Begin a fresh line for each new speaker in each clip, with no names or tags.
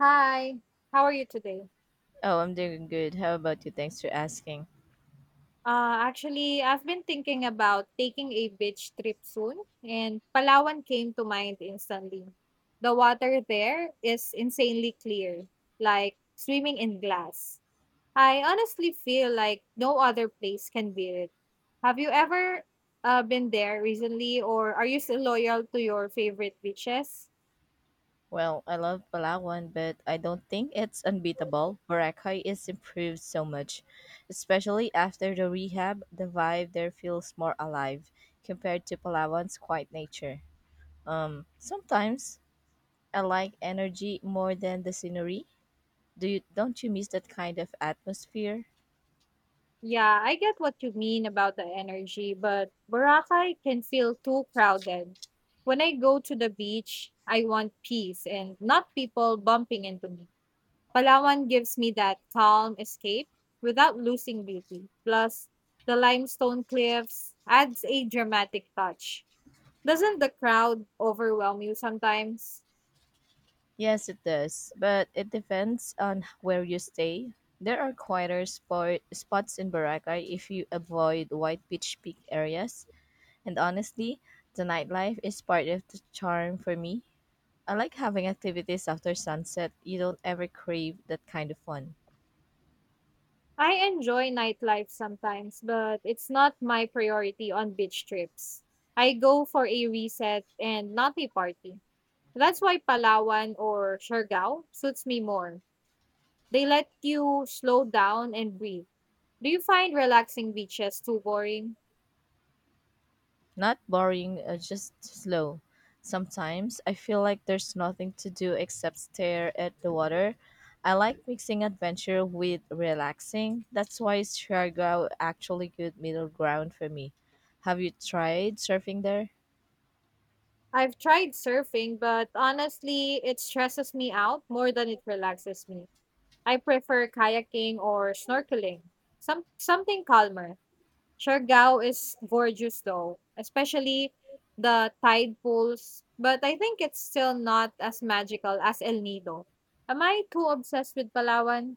Hi, how are you today?
Oh, I'm doing good. How about you? Thanks for asking.
Actually, I've been thinking about taking a beach trip soon, and Palawan came to mind instantly. The water there is insanely clear, like swimming in glass. I honestly feel like no other place can beat it. Have you ever been there recently, or are you still loyal to your favorite beaches?
Well, I love Palawan, but I don't think it's unbeatable. Boracay is improved so much, especially after the rehab. The vibe there feels more alive compared to Palawan's quiet nature. Sometimes I like energy more than the scenery. Do you don't you miss that kind of atmosphere?
Yeah, I get what you mean about the energy, but Boracay can feel too crowded. When I go to the beach, I want peace and not people bumping into me. Palawan gives me that calm escape without losing beauty. Plus, the limestone cliffs adds a dramatic touch. Doesn't the crowd overwhelm you sometimes?
Yes, it does, but it depends on where you stay. There are spots in Boracay if you avoid white beach peak areas, and honestly, the nightlife is part of the charm for me. I like having activities after sunset. You don't ever crave that kind of fun.
I enjoy nightlife sometimes, but it's not my priority on beach trips. I go for a reset and not a party. That's why Palawan or Siargao suits me more. They let you slow down and breathe. Do you find relaxing beaches too boring?
Not boring, just slow. Sometimes I feel like there's nothing to do except stare at the water. I like mixing adventure with relaxing. That's why is Siargao actually good middle ground for me. Have you tried surfing there?
I've tried surfing, but honestly, it stresses me out more than it relaxes me. I prefer kayaking or snorkeling, something calmer. Siargao is gorgeous though, especially the tide pools, but I think it's still not as magical as El Nido. Am I too obsessed with Palawan?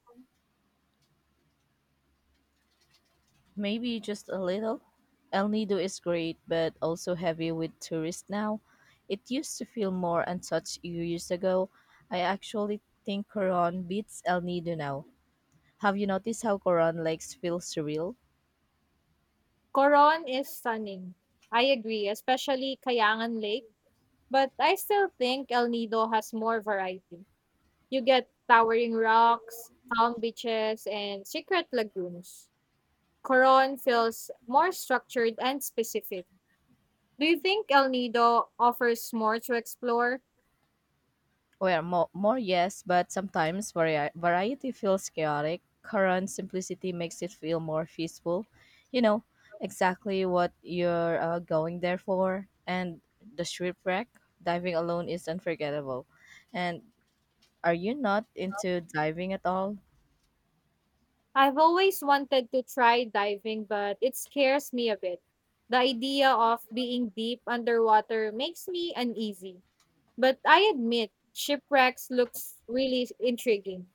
Maybe just a little. El Nido is great, but also heavy with tourists now. It used to feel more untouched years ago. I actually think Coron beats El Nido now. Have you noticed how Coron Lakes feel surreal?
Coron is stunning. I agree, especially Kayangan Lake, but I still think El Nido has more variety. You get towering rocks, calm beaches, and secret lagoons. Coron feels more structured and specific. Do you think El Nido offers more to explore?
Well, more yes, but sometimes variety feels chaotic. Coron's simplicity makes it feel more peaceful. You know, exactly what you're going there for. And the shipwreck, diving alone is unforgettable. And are you not into diving at all?
I've always wanted to try diving, but it scares me a bit. The idea of being deep underwater makes me uneasy. But I admit, shipwrecks looks really intriguing.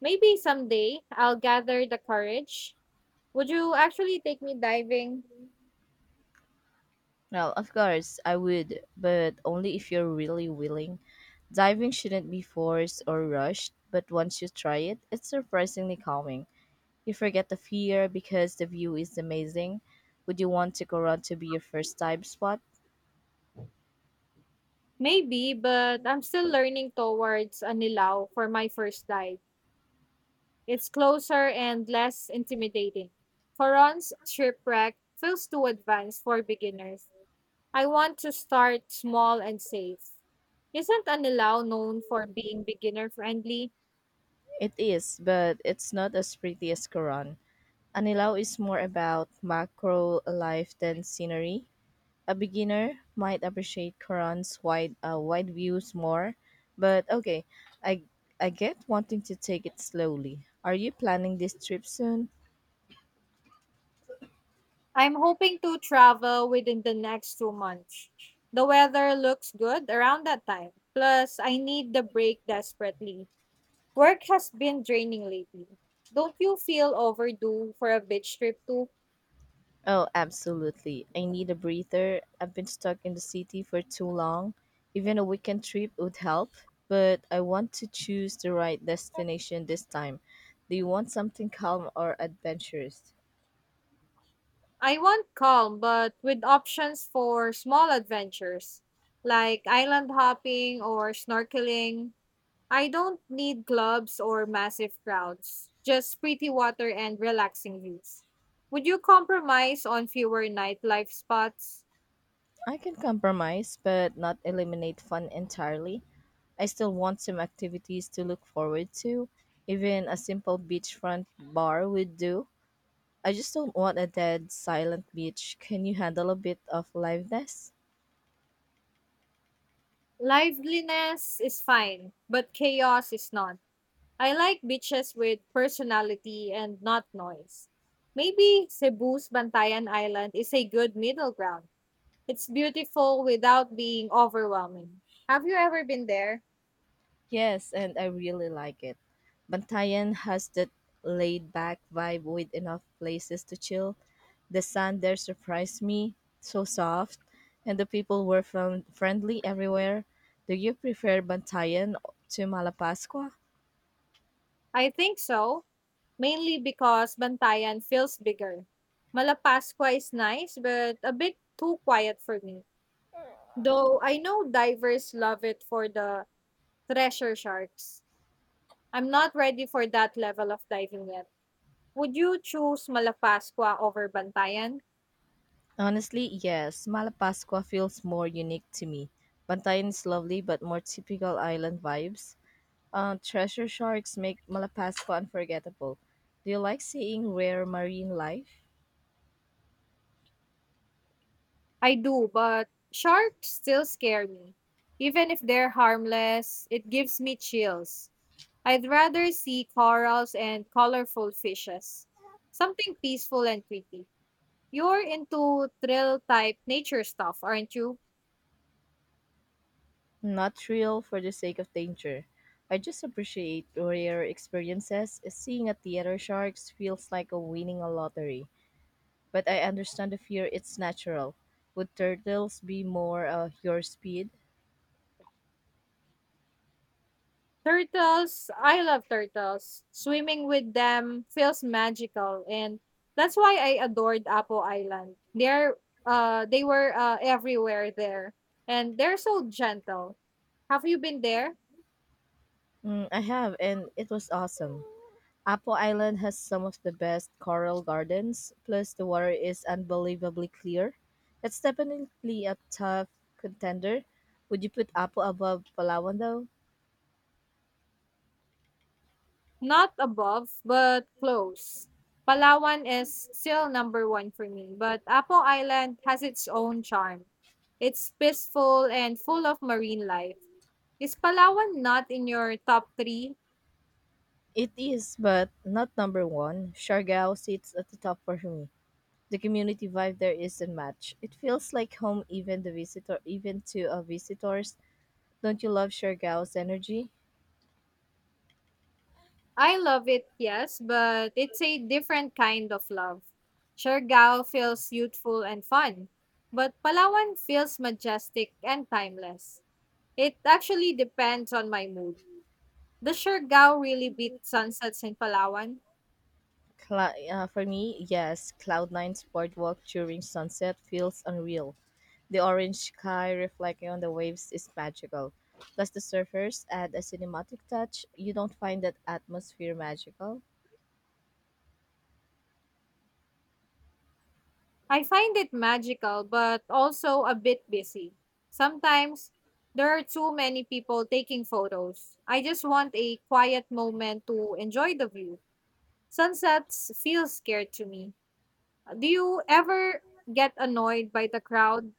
Maybe someday I'll gather the courage. Would you actually take me diving?
Well, of course, I would, but only if you're really willing. Diving shouldn't be forced or rushed, but once you try it, it's surprisingly calming. You forget the fear because the view is amazing. Would you want to Coron to be your first time spot?
Maybe, but I'm still learning towards Anilao for my first dive. It's closer and less intimidating. Coron's shipwreck feels too advanced for beginners. I want to start small and safe. Isn't Anilao known for being beginner friendly?
It is, but it's not as pretty as Coron. Anilao is more about macro life than scenery. A beginner might appreciate Coron's wide views more, but okay, I I get wanting to take it slowly. Are you planning this trip soon?
I'm hoping to travel within the next 2 months. The weather looks good around that time. Plus, I need the break desperately. Work has been draining lately. Don't you feel overdue for a beach trip too?
Oh, absolutely. I need a breather. I've been stuck in the city for too long. Even a weekend trip would help, but I want to choose the right destination this time. Do you want something calm or adventurous?
I want calm, but with options for small adventures like island hopping or snorkeling. I don't need clubs or massive crowds, just pretty water and relaxing views. Would you compromise on fewer nightlife spots?
I can compromise, but not eliminate fun entirely. I still want some activities to look forward to. Even a simple beachfront bar would do. I just don't want a dead, silent beach. Can you handle a bit of liveness?
Liveliness is fine, but chaos is not. I like beaches with personality and not noise. Maybe Cebu's Bantayan Island is a good middle ground. It's beautiful without being overwhelming. Have you ever been there?
Yes, and I really like it. Bantayan has that laid back vibe with enough places to chill. The sand there surprised me, so soft, and the people were from friendly everywhere. Do you prefer Bantayan to Malapascua?
I think so, mainly because Bantayan feels bigger. Malapascua is nice, but a bit too quiet for me. Though I know divers love it for the treasure sharks. I'm not ready for that level of diving yet. Would you choose Malapascua over Bantayan?
Honestly, yes. Malapascua feels more unique to me. Bantayan is lovely but more typical island vibes. Treasure sharks make Malapascua unforgettable. Do you like seeing rare marine life?
I do, but sharks still scare me. Even if they're harmless, it gives me chills. I'd rather see corals and colorful fishes. Something peaceful and pretty. You're into thrill type nature stuff, aren't you?
Not thrill for the sake of danger. I just appreciate rare experiences. Seeing a theater sharks feels like a winning a lottery. But I understand the fear, it's natural. Would turtles be more your speed?
Turtles, I love turtles. Swimming with them feels magical and that's why I adored Apo Island. They were everywhere there and they're so gentle. Have you been there?
Mm, I have, and it was awesome. Apple Island has some of the best coral gardens, plus the water is unbelievably clear. It's definitely a tough contender. Would you put Apple above Palawan though?
Not above, but close. Palawan is still number one for me, but Apo Island has its own charm. It's peaceful and full of marine life. Is Palawan not in your top three?
It is, but not number one. Siargao sits at the top for me. The community vibe there is unmatched. It feels like home, even the visitor, even to visitors. Don't you love Siargao's energy?
I love it, yes, but it's a different kind of love. Siargao feels youthful and fun, but Palawan feels majestic and timeless. It actually depends on my mood. Does Siargao really beat sunsets in Palawan?
For me, yes. Cloud Nine's boardwalk during sunset feels unreal. The orange sky reflecting on the waves is magical. Plus, the surfers add a cinematic touch. You don't find that atmosphere magical?
I find it magical, but also a bit busy. Sometimes there are too many people taking photos. I just want a quiet moment to enjoy the view. Sunsets feel scared to me. Do you ever get annoyed by the crowd?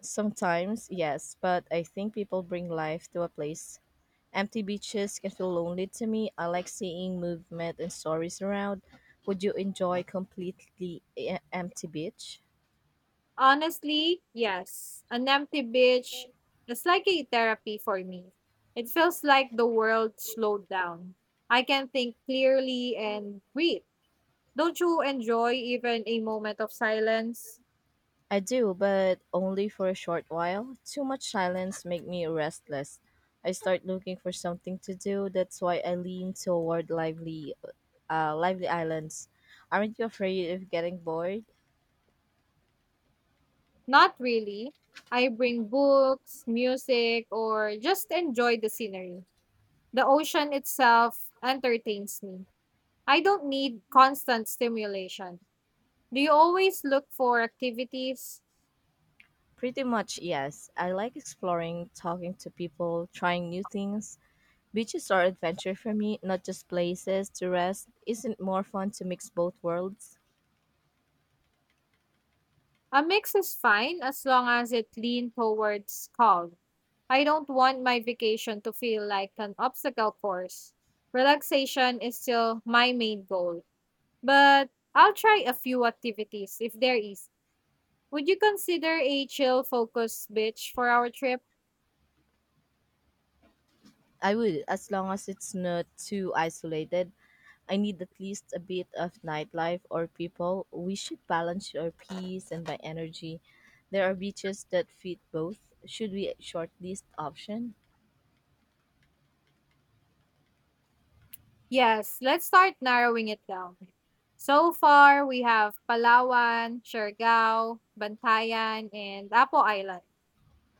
Sometimes, yes, but I think people bring life to a place. Empty beaches can feel lonely to me. I like seeing movement and stories around. Would you enjoy completely empty beach?
Honestly, yes. An empty beach is like a therapy for me. It feels like the world slowed down. I can think clearly and breathe. Don't you enjoy even a moment of silence?
I do, but only for a short while. Too much silence make me restless. I start looking for something to do. That's why I lean toward lively islands. Aren't you afraid of getting bored?
Not really. I bring books, music, or just enjoy the scenery. The ocean itself entertains me. I don't need constant stimulation. Do you always look for activities?
Pretty much, yes. I like exploring, talking to people, trying new things. Beaches are adventure for me, not just places to rest. Isn't more fun to mix both worlds?
A mix is fine as long as it leans towards calm. I don't want my vacation to feel like an obstacle course. Relaxation is still my main goal. But I'll try a few activities if there is. Would you consider a chill focus beach for our trip?
I would, as long as it's not too isolated. I need at least a bit of nightlife or people. We should balance our peace and my energy. There are beaches that fit both. Should we shortlist option?
Yes, let's start narrowing it down. So far, we have Palawan, Siargao, Bantayan, and Apo Island.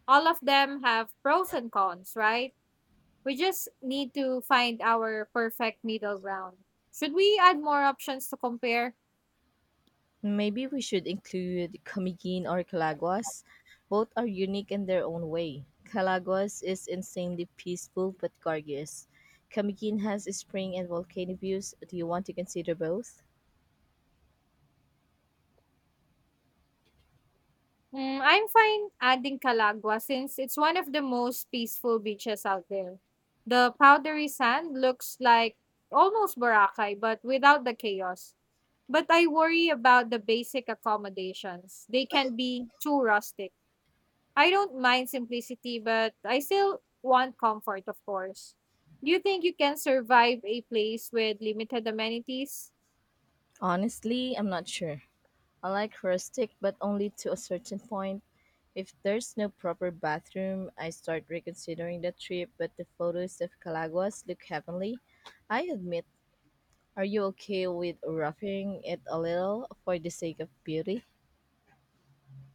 All of them have pros and cons, right? We just need to find our perfect middle ground. Should we add more options to compare?
Maybe we should include Comiquin or Calaguas. Both are unique in their own way. Calaguas is insanely peaceful but gorgeous. Comiquin has spring and volcano views. Do you want to consider both?
Mm, I'm fine adding Calagua since it's one of the most peaceful beaches out there. The powdery sand looks like almost Boracay, but without the chaos. But I worry about the basic accommodations. They can be too rustic. I don't mind simplicity, but I still want comfort, of course. Do you think you can survive a place with limited amenities?
Honestly, I'm not sure. I like rustic, but only to a certain point. If there's no proper bathroom, I start reconsidering the trip, but the photos of Calaguas look heavenly. I admit, are you okay with roughing it a little for the sake of beauty?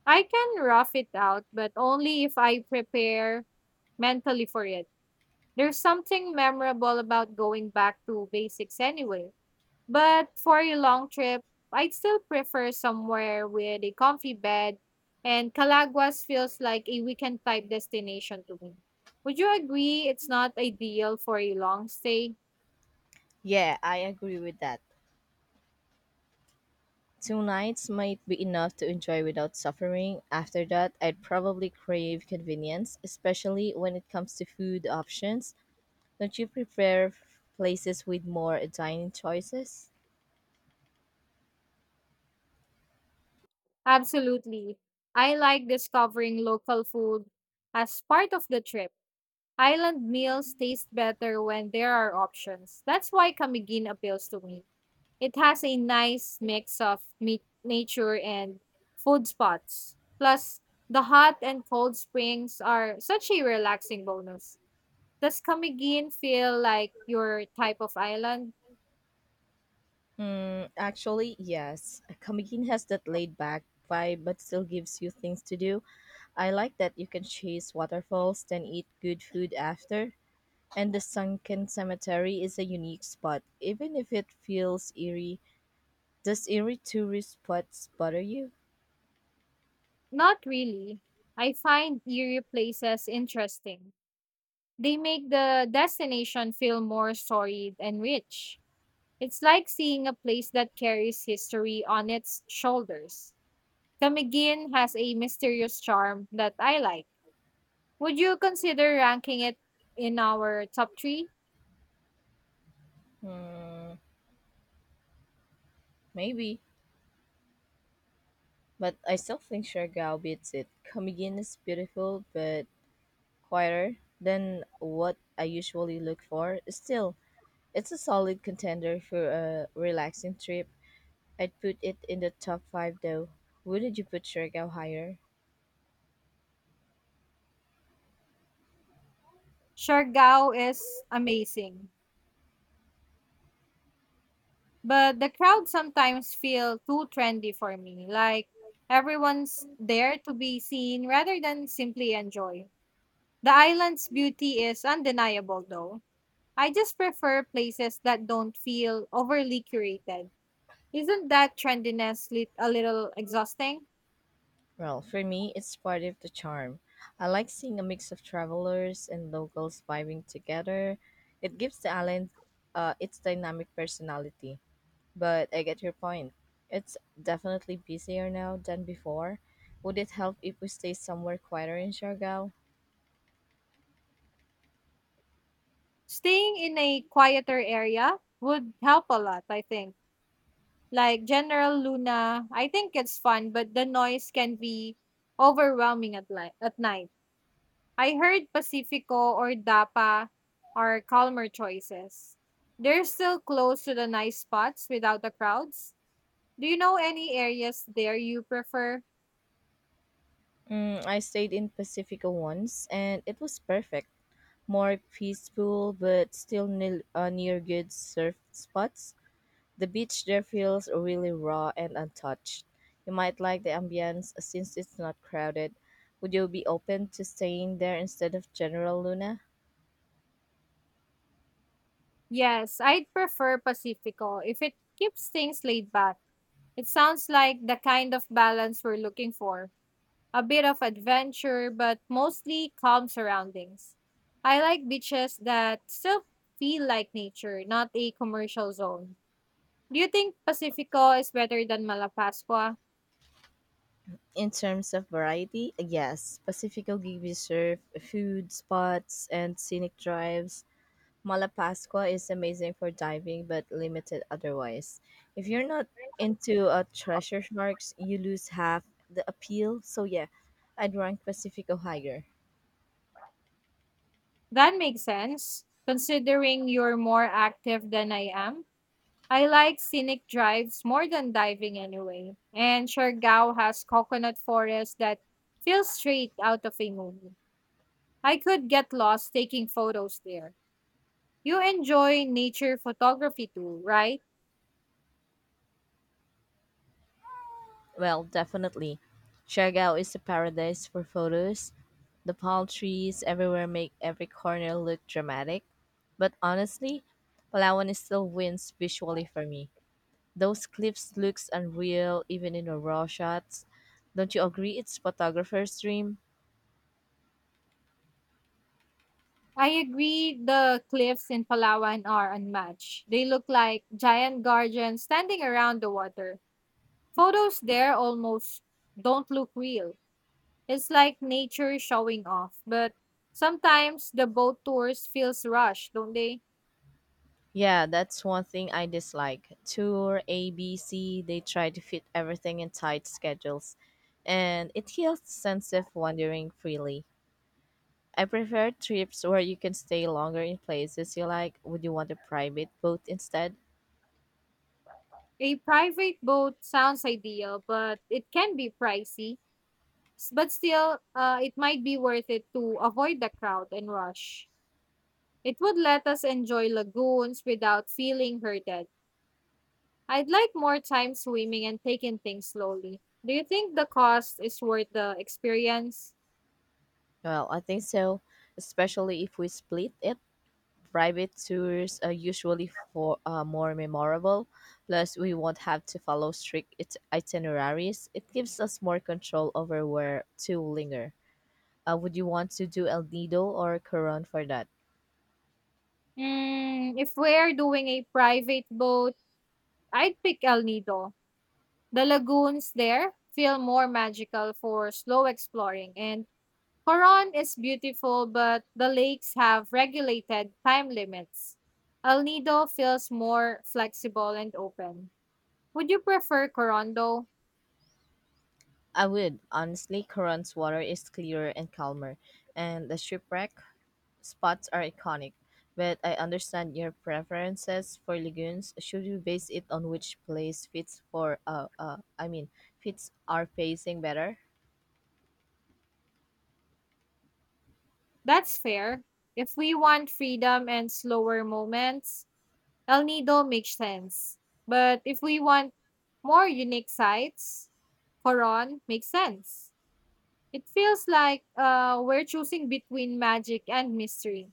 I can rough it out, but only if I prepare mentally for it. There's something memorable about going back to basics anyway. But for a long trip, I'd still prefer somewhere with a comfy bed, and Calaguas feels like a weekend type destination to me. Would you agree it's not ideal for a long stay?
Yeah, I agree with that. Two nights might be enough to enjoy without suffering. After that, I'd probably crave convenience, especially when it comes to food options. Don't you prefer places with more dining choices?
Absolutely. I like discovering local food as part of the trip. Island meals taste better when there are options. That's why Camiguin appeals to me. It has a nice mix of nature and food spots. Plus, the hot and cold springs are such a relaxing bonus. Does Camiguin feel like your type of island?
Mm, actually, yes. Kamigin has that laid back vibe but still gives you things to do. I like that you can chase waterfalls, then eat good food after. And the sunken cemetery is a unique spot, even if it feels eerie. Does eerie tourist spots bother you?
Not really. I find eerie places interesting. They make the destination feel more storied and rich. It's like seeing a place that carries history on its shoulders. Camiguin has a mysterious charm that I like. Would you consider ranking it in our top three?
Maybe, but I still think Siargao beats it. Comigan is beautiful but quieter than what I usually look for. Still, it's a solid contender for a relaxing trip. I'd put it in the top 5 though. Wouldn't you put Siargao higher?
Siargao is amazing, but the crowd sometimes feel too trendy for me. Like everyone's there to be seen rather than simply enjoy. The island's beauty is undeniable, though. I just prefer places that don't feel overly curated. Isn't that trendiness lit a little exhausting?
Well, for me, it's part of the charm. I like seeing a mix of travelers and locals vibing together. It gives the island its dynamic personality. But I get your point. It's definitely busier now than before. Would it help if we stay somewhere quieter in Siargao?
Staying in a quieter area would help a lot, I think. Like General Luna, I think it's fun, but the noise can be overwhelming at night. I heard Pacifico or Dapa are calmer choices. They're still close to the nice spots without the crowds. Do you know any areas there you prefer?
Mm, I stayed in Pacifica once and it was perfect. More peaceful but still nil near good surf spots. The beach there feels really raw and untouched. You might like the ambience since it's not crowded. Would you be open to staying there instead of General Luna?
Yes, I'd prefer Pacifico if it keeps things laid back. It sounds like the kind of balance we're looking for. A bit of adventure, but mostly calm surroundings. I like beaches that still feel like nature, not a commercial zone. Do you think Pacifico is better than Malapascua?
In terms of variety, yes. Pacifico gives surf, food spots, and scenic drives. Malapascua is amazing for diving but limited otherwise. If you're not into treasure sharks, you lose half the appeal. So yeah, I'd rank Pacifico higher.
That makes sense, considering you're more active than I am. I like scenic drives more than diving anyway. And Siargao has coconut forest that feels straight out of a movie. I could get lost taking photos there. You enjoy nature photography too, right?
Well, definitely. Siargao is a paradise for photos. The palm trees everywhere make every corner look dramatic. But honestly, Palawan is still wins visually for me. Those cliffs looks unreal even in the raw shots. Don't you agree it's photographer's dream?
I agree the cliffs in Palawan are unmatched. They look like giant guardians standing around the water. Photos there almost don't look real. It's like nature showing off. But sometimes the boat tours feels rushed, don't they?
Yeah, that's one thing I dislike. Tour ABC, they try to fit everything in tight schedules, and it kills the sense of wandering freely. I prefer trips where you can stay longer in places you like. Would you want a private boat instead?
A private boat sounds ideal, but it can be pricey. But still, it might be worth it to avoid the crowd and rush. It would let us enjoy lagoons without feeling hurted. I'd like more time swimming and taking things slowly. Do you think the cost is worth the experience?
Well, I think so, especially if we split it. Private tours are usually for more memorable. Plus, we won't have to follow strict itineraries. It gives us more control over where to linger. Would you want to do El Nido or Coron for that?
Mm, if we're doing a private boat, I'd pick El Nido. The lagoons there feel more magical for slow exploring, and Coron is beautiful, but the lakes have regulated time limits. El Nido feels more flexible and open. Would you prefer Coron though?
I would. Honestly, Coron's water is clearer and calmer, and the shipwreck spots are iconic. But I understand your preferences for lagoons. Should we base it on which place fits for, fits our pacing better?
That's fair. If we want freedom and slower moments, El Nido makes sense. But if we want more unique sights, Coron makes sense. It feels like we're choosing between magic and mystery.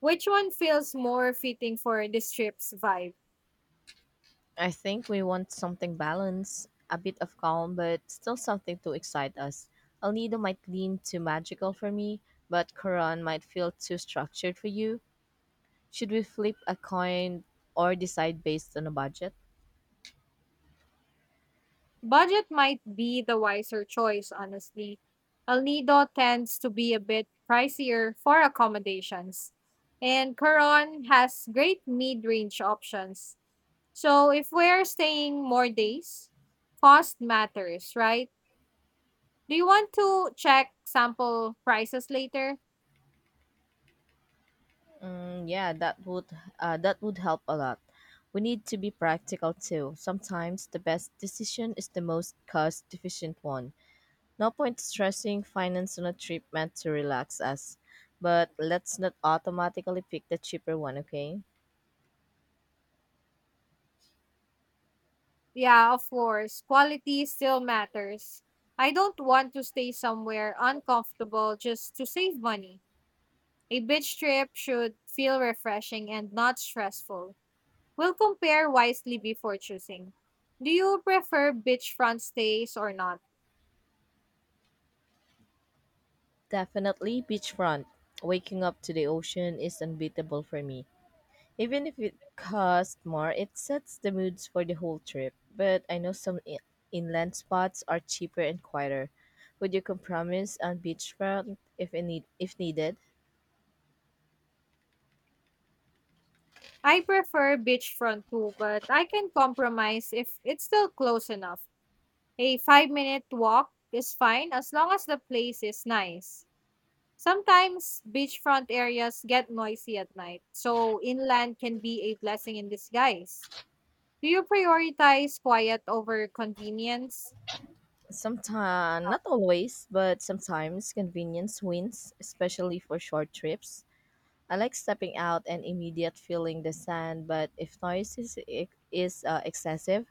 Which one feels more fitting for this trip's vibe?
I think we want something balanced, a bit of calm, but still something to excite us. El Nido might lean too magical for me, but Quran might feel too structured for you. Should we flip a coin or decide based on a budget?
Budget might be the wiser choice, honestly. El Nido tends to be a bit pricier for accommodations, and Coron has great mid range options. So, if we're staying more days, cost matters, right? Do you want to check sample prices later?
Mm, yeah, that would help a lot. We need to be practical too. Sometimes the best decision is the most cost efficient one. No point stressing finance on a trip meant to relax us. But let's not automatically pick the cheaper one, okay?
Yeah, of course. Quality still matters. I don't want to stay somewhere uncomfortable just to save money. A beach trip should feel refreshing and not stressful. We'll compare wisely before choosing. Do you prefer beachfront stays or not?
Definitely beachfront. Waking up to the ocean is unbeatable for me. Even if it costs more, it sets the moods for the whole trip. But I know some inland spots are cheaper and quieter. Would you compromise on beachfront if needed?
I prefer beachfront too, but I can compromise if it's still close enough. A 5 minute walk is fine as long as the place is nice. Sometimes beachfront areas get noisy at night, so inland can be a blessing in disguise. Do you prioritize quiet over convenience?
Sometimes, not always, but sometimes convenience wins, especially for short trips. I like stepping out and immediate feeling the sand, but if noise is excessive,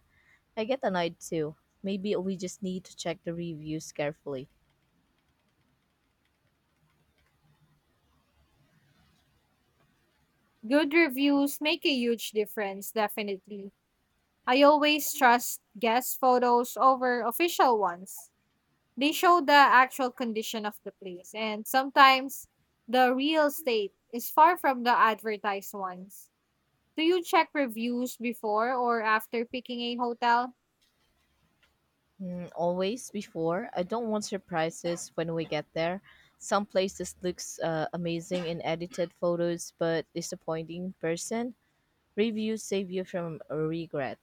I get annoyed too. Maybe we just need to check the reviews carefully.
Good reviews make a huge difference, definitely. I always trust guest photos over official ones. They show the actual condition of the place, and sometimes the real state is far from the advertised ones. Do you check reviews before or after picking a hotel?
Mm, always before, I don't want surprises when we get there. Some places looks amazing in edited photos, but disappointing in person. Reviews save you from regret.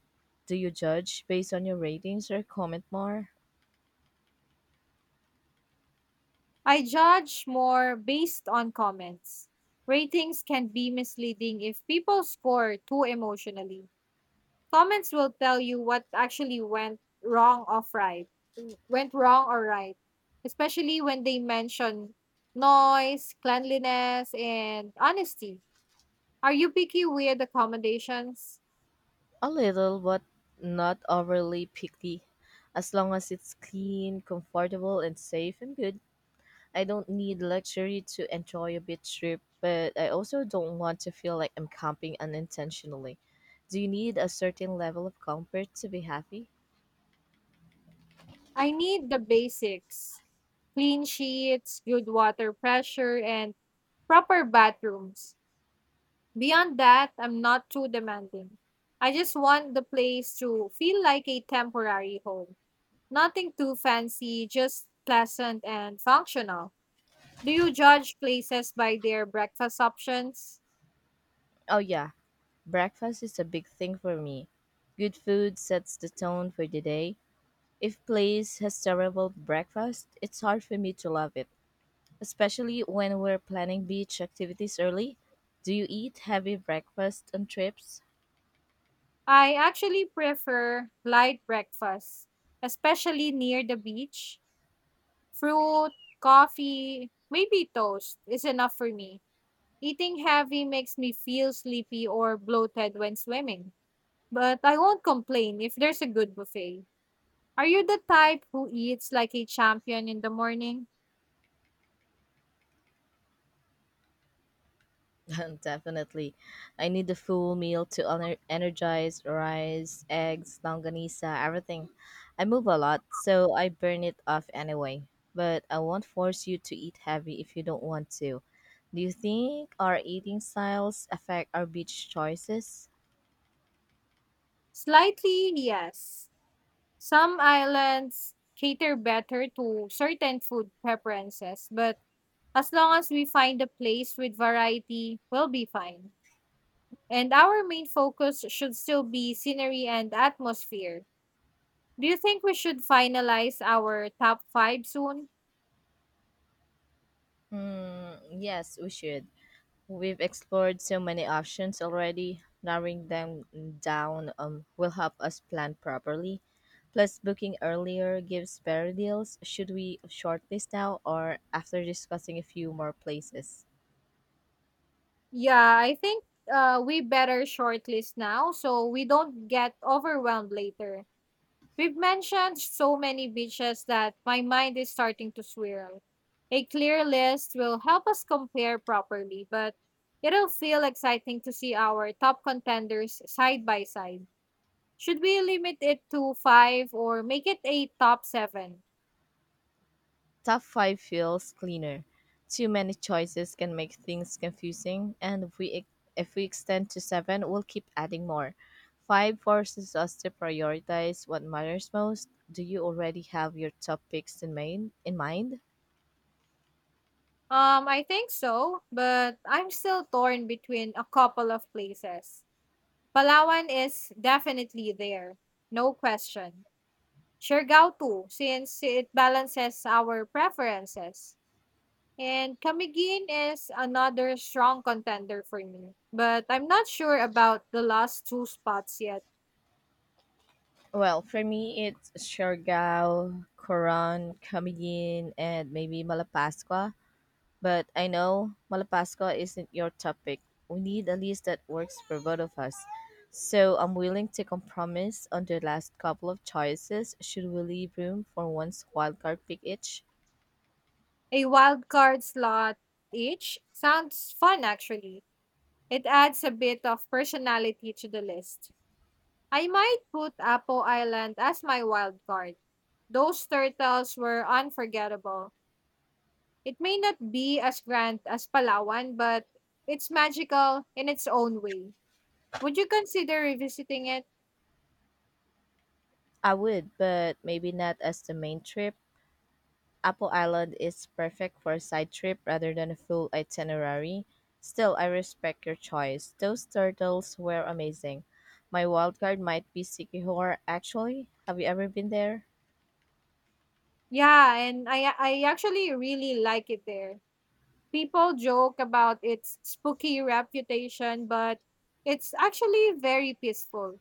Do you judge based on your ratings or comment more?
I judge more based on comments. Ratings can be misleading if people score too emotionally. Comments will tell you what actually went wrong or right. Went wrong or right. Especially when they mention noise, cleanliness, and honesty. Are you picky with accommodations?
A little, but not overly picky. As long as it's clean, comfortable, and safe, I'm good. I don't need luxury to enjoy a beach trip, but I also don't want to feel like I'm camping unintentionally. Do you need a certain level of comfort to be happy?
I need the basics. Clean sheets, good water pressure, and proper bathrooms. Beyond that, I'm not too demanding. I just want the place to feel like a temporary home. Nothing too fancy, just pleasant and functional. Do you judge places by their breakfast options?
Oh, yeah, breakfast is a big thing for me. Good food sets the tone for the day. If place has terrible breakfast, it's hard for me to love it, especially when we're planning beach activities early. Do you eat heavy breakfast on trips?
I actually prefer light breakfast, especially near the beach. Fruit, coffee, maybe toast is enough for me. Eating heavy makes me feel sleepy or bloated when swimming. But I won't complain if there's a good buffet. Are you the type who eats like a champion in the morning?
Definitely. I need a full meal to energize rice, eggs, longanisa, everything. I move a lot, so I burn it off anyway. But I won't force you to eat heavy if you don't want to. Do you think our eating styles affect our beach choices?
Slightly, yes. Some islands cater better to certain food preferences, but as long as we find a place with variety, we'll be fine. And our main focus should still be scenery and atmosphere. Do you think we should finalize our top five soon?
Hmm, yes, we should. We've explored so many options already. Narrowing them down will help us plan properly. Plus, booking earlier gives better deals. Should we shortlist now or after discussing a few more places?
Yeah, I think we better shortlist now so we don't get overwhelmed later. We've mentioned so many beaches that my mind is starting to swirl. A clear list will help us compare properly, but it'll feel exciting to see our top contenders side by side. Should we limit it to five or make it a top seven?
Top 5 feels cleaner. Too many choices can make things confusing, and if we extend to 7, we'll keep adding more. 5 forces us to prioritize what matters most. Do you already have your top picks in mind?
I think so, but I'm still torn between a couple of places. Palawan is definitely there, no question. Siargao too, since it balances our preferences. And Camiguin is another strong contender for me, but I'm not sure about the last two spots yet.
Well, for me, it's Siargao, Coron, Camiguin, and maybe Malapascua. But I know Malapascua isn't your topic. We need a list that works for both of us. So I'm willing to compromise on the last couple of choices. Should we leave room for one's wildcard pick each?
A wild card slot each sounds fun actually. It adds a bit of personality to the list. I might put Apo Island as my wild card. Those turtles were unforgettable. It may not be as grand as Palawan, but it's magical in its own way. Would you consider revisiting it?
I would, but maybe not as the main trip. Apple Island is perfect for a side trip rather than a full itinerary. Still, I respect your choice. Those turtles were amazing. My wild card might be Sikihor, actually. Have you ever been there?
Yeah, and I actually really like it there. People joke about its spooky reputation, but it's actually very peaceful.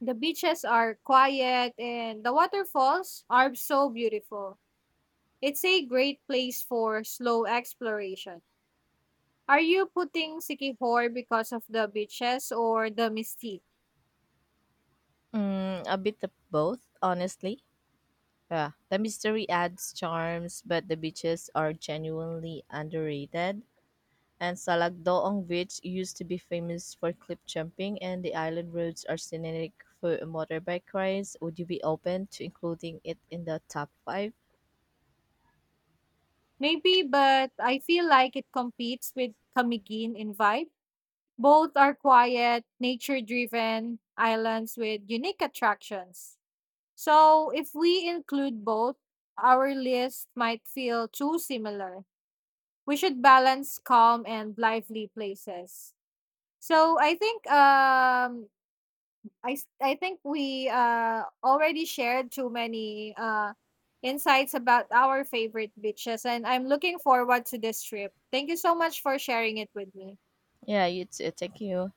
The beaches are quiet and the waterfalls are so beautiful. It's a great place for slow exploration. Are you putting Sikihor because of the beaches or the mystique?
Mm, a bit of both, honestly. Yeah, the mystery adds charms, but the beaches are genuinely underrated. And Salakdoong Beach used to be famous for cliff jumping, and the island roads are scenic for motorbike rides. Would you be open to including it in the top five?
Maybe, but I feel like it competes with Kamigin in vibe. Both are quiet, nature driven islands with unique attractions. So, if we include both, our list might feel too similar. We should balance calm and lively places. So, I think I s- I think we already shared too many insights about our favorite beaches and I'm looking forward to this trip. Thank you so much for sharing it with me.
Yeah, you too. Thank you.